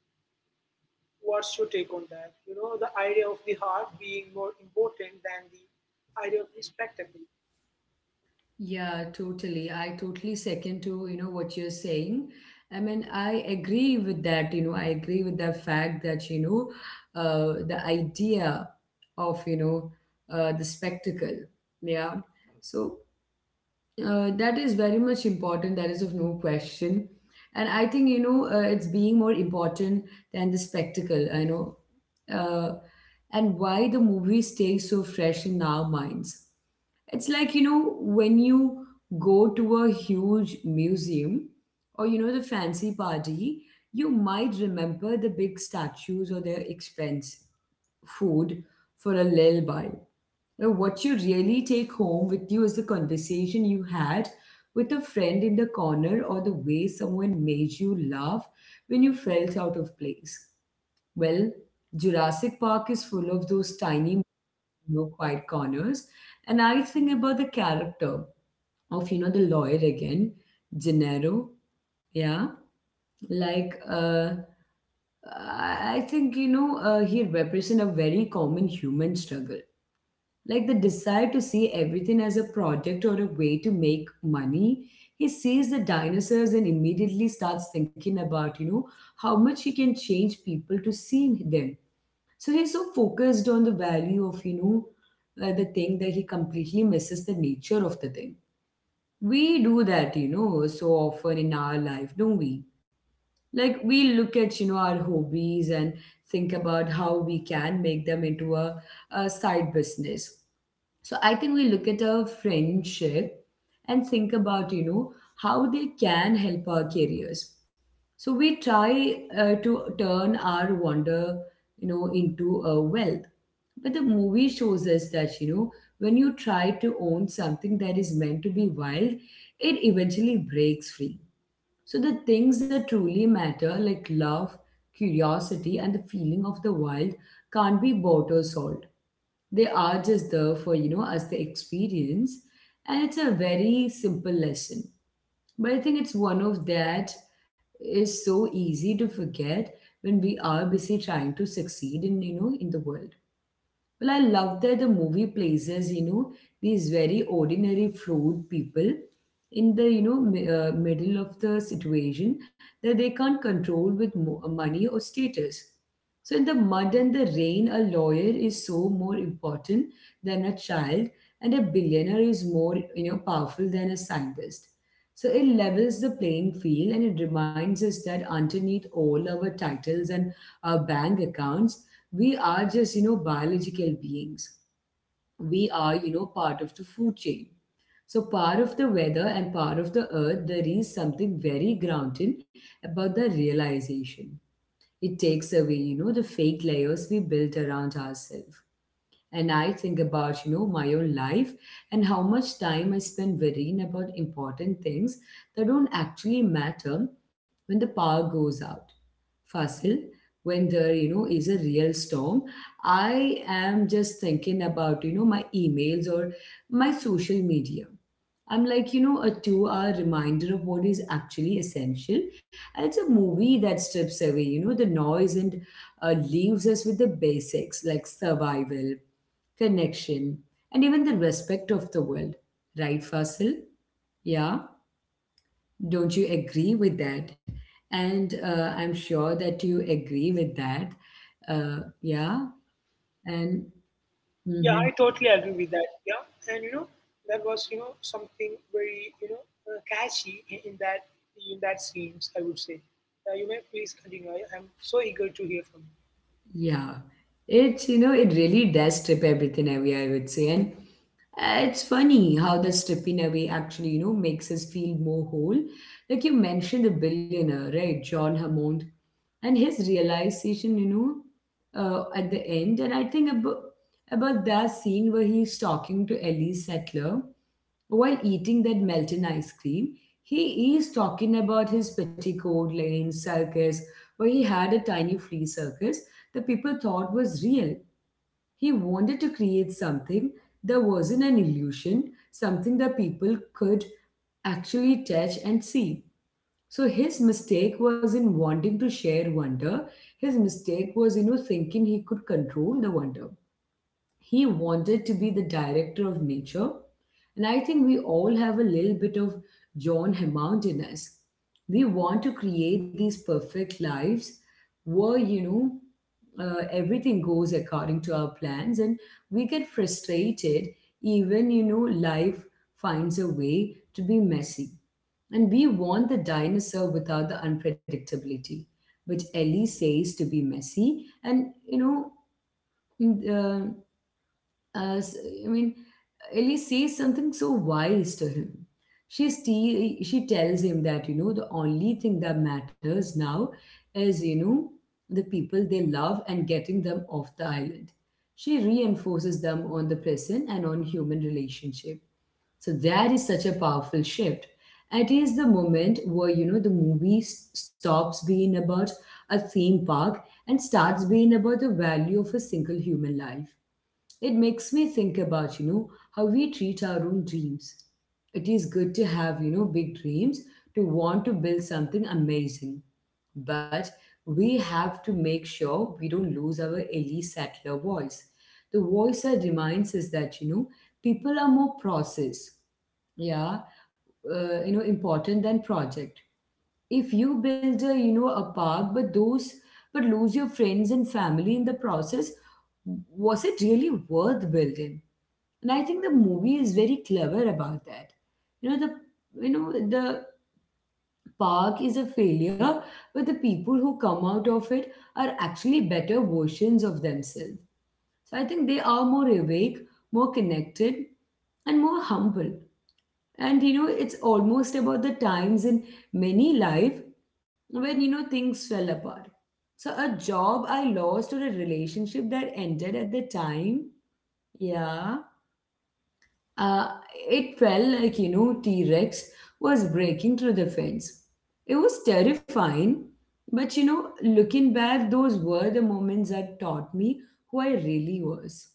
What's your take on that? You know, the idea of the heart being more important than the idea of the spectacle. Yeah, totally. I totally second to, you know, what you're saying. I mean, I agree with that, you know, I agree with the fact that, you know, uh, the idea of, you know, uh, the spectacle. Yeah. So uh, that is very much important. That is of no question. And I think, you know, uh, it's being more important than the spectacle, I know. Uh, and why the movies stay so fresh in our minds. It's like, you know, when you go to a huge museum or, you know, the fancy party, you might remember the big statues or their expense food for a little while. Now, what you really take home with you is the conversation you had with a friend in the corner or the way someone made you laugh when you felt out of place. Well, Jurassic Park is full of those tiny, no quiet corners, and I think about the character of you know the lawyer again, Gennaro, yeah, like uh, I think you know uh, he represents a very common human struggle, like the desire to see everything as a product or a way to make money. He sees the dinosaurs and immediately starts thinking about you know how much he can change people to see them. So he's so focused on the value of you know uh, the thing that he completely misses the nature of the thing. We do that, you know, so often in our life, don't we? Like we look at you know our hobbies and think about how we can make them into a, a side business. So I think we look at our friendship and think about you know how they can help our careers. So we try uh, to turn our wonder you know into a wealth. But the movie shows us that you know when you try to own something that is meant to be wild, it eventually breaks free. So the things that truly matter, like love, curiosity, and the feeling of the wild, can't be bought or sold. They are just there for, you know, as the experience. And it's a very simple lesson. But I think it's one of that is so easy to forget when we are busy trying to succeed in, you know, in the world. Well, I love that the movie places, you know, these very ordinary, flawed people in the, you know, mi- uh, middle of the situation that they can't control with mo- uh, money or status. So, in the mud and the rain, a lawyer is so more important than a child, and a billionaire is more, you know, powerful than a scientist. So it levels the playing field and it reminds us that underneath all our titles and our bank accounts, we are just you know biological beings. We are you know part of the food chain, so part of the weather and part of the earth. There is something very grounding about the realization. It takes away you know the fake layers we built around ourselves. And I think about you know my own life and how much time I spend worrying about important things that don't actually matter. When the power goes out, Fasil, when there, you know, is a real storm, I am just thinking about, you know, my emails or my social media. I'm like, you know, a two hour reminder of what is actually essential. And it's a movie that strips away, you know, the noise and uh, leaves us with the basics like survival, connection, and even the respect of the world. Right, Fasil? Yeah. Don't you agree with that? And uh, I'm sure that you agree with that, uh, yeah, and Yeah, mhm, I totally agree with that. Yeah, and you know that was, you know something very, you know uh, catchy in, in that, in that scenes, I would say. Uh, you may please continue. I, I'm so eager to hear from you. yeah. It's you know it really does strip everything away, I would say. And uh, it's funny how the stripping away actually you know makes us feel more whole. Like you mentioned the billionaire, right? John Hammond. And his realization, you know uh, at the end. And i think about about that scene where he's talking to Ellie Settler while eating that melting ice cream. He is talking about his Petticoat Lane circus, where he had a tiny flea circus that people thought was real. He wanted to create something that wasn't an illusion, something that people could actually touch and see. So his mistake was in wanting to share wonder. His mistake was, you know, thinking he could control the wonder. He wanted to be the director of nature. And I think we all have a little bit of John Hammond in us. We want to create these perfect lives where, you know, uh, everything goes according to our plans and we get frustrated even, you know, life finds a way to be messy. And we want the dinosaur without the unpredictability, which Ellie says to be messy. And, you know, mm, uh, uh, s- I mean, Ellie says something so wise to him. She still she tells him that you know the only thing that matters now is you know the people they love and getting them off the island. She reinforces them on the present and on human relationship. So that is such a powerful shift. It is the moment where you know the movie s- stops being about a theme park and starts being about the value of a single human life. It makes me think about, you know, how we treat our own dreams. It is good to have, you know, big dreams, to want to build something amazing. But we have to make sure we don't lose our elite settler voice. The voice that reminds us that, you know, people are more process, yeah, uh, you know, important than project. If you build a you know a park but those but lose your friends and family in the process, was it really worth building? And I think the movie is very clever about that. you know the you know the park is a failure, but the people who come out of it are actually better versions of themselves. So I think they are more awake, more connected, and more humble. And you know it's almost about the times in many life when you know things fell apart. So a job I lost or a relationship that ended at the time, yeah, uh, it felt like you know T-Rex was breaking through the fence. It was terrifying. But you know looking back, those were the moments that taught me who I really was.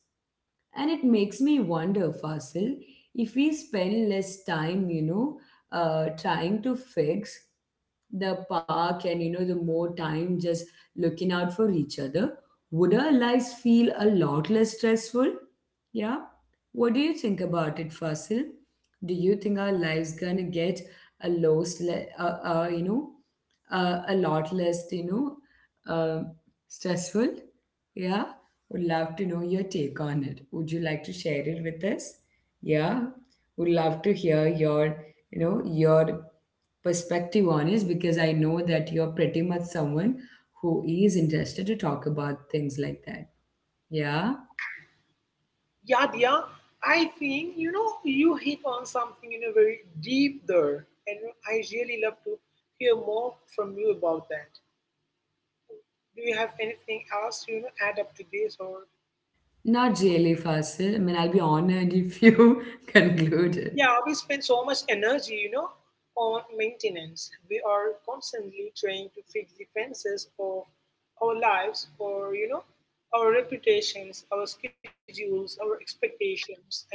And it makes me wonder, Fasil, if we spend less time, you know, uh, trying to fix the park and, you know, the more time just looking out for each other, would our lives feel a lot less stressful? Yeah. What do you think about it, Fasil? Do you think our lives gonna get a lost, le- uh, uh, you know, uh, a lot less, you know, uh, stressful? Yeah. Would love to know your take on it. Would you like to share it with us? Yeah, would love to hear your, you know, your perspective on it because I know that you're pretty much someone who is interested to talk about things like that. Yeah, Yeah, Dia, I think, you know, you hit on something, you know, very deep there, and I really love to hear more from you about that. Do you have anything else to, you know, add up to this, or not really, Fasil. I mean, I'll be honored if you [laughs] conclude it. Yeah, we spend so much energy, you know, on maintenance. We are constantly trying to fix the fences of our lives or, you know, our reputations, our schedules, our expectations, and all.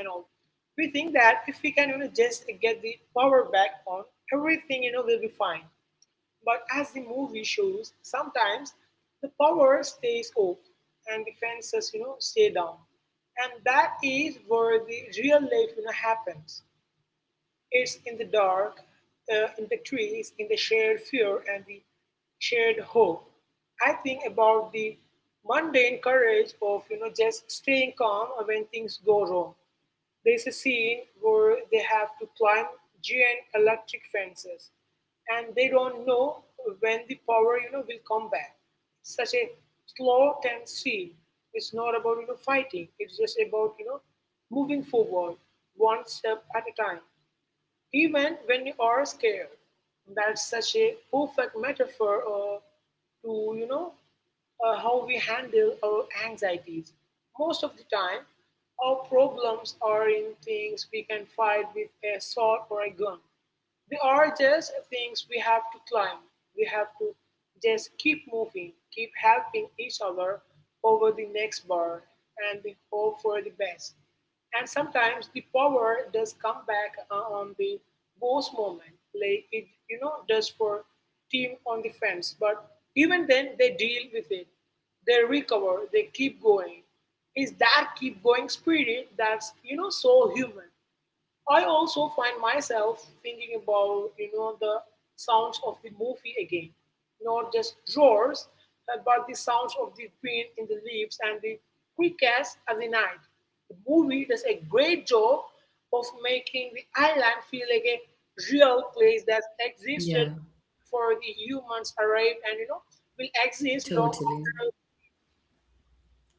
We think that if we can, you know, just get the power back on, everything, you know, will be fine. But as the movie shows, sometimes the power stays off and the fences, you know, stay down. And that is where the real life, you know, happens. It's in the dark, uh, in the trees, in the shared fear and the shared hope. I think about the mundane courage of, you know just staying calm when things go wrong. There's a scene where they have to climb giant electric fences, and they don't know when the power, you know will come back. Such a slow, tense scene. It's not about, you know fighting. It's just about, you know moving forward one step at a time. Even when you are scared. That's such a perfect metaphor, uh, to, you know, uh, how we handle our anxieties. Most of the time, our problems are in things we can fight with a sword or a gun. They are just things we have to climb. We have to just keep moving, keep helping each other over the next bar, and we hope for the best. And sometimes the power does come back uh, on the boss moment, like it, you know does for team on the fence. But even then, they deal with it. They recover. They keep going. Is that keep going spirit that's, you know so human. I also find myself thinking about, you know the sounds of the movie again, not just roars, uh, but the sounds of the wind in the leaves and the crickets at the night. The movie does a great job of making the island feel like a real place that existed Yeah, for the humans arrived and, you know will exist long totally. after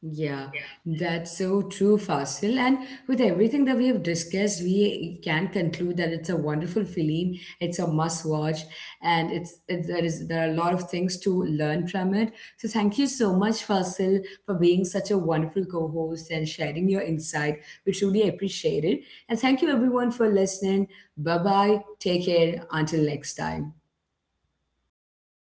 Yeah, that's so true, Fasil. And with everything that we have discussed, we can conclude that it's a wonderful film. It's a must watch, and it's it, there is there are a lot of things to learn from it. So thank you so much, Fasil, for being such a wonderful co-host and sharing your insight. We truly appreciate it. And thank you everyone for listening. Bye bye. Take care. Until next time.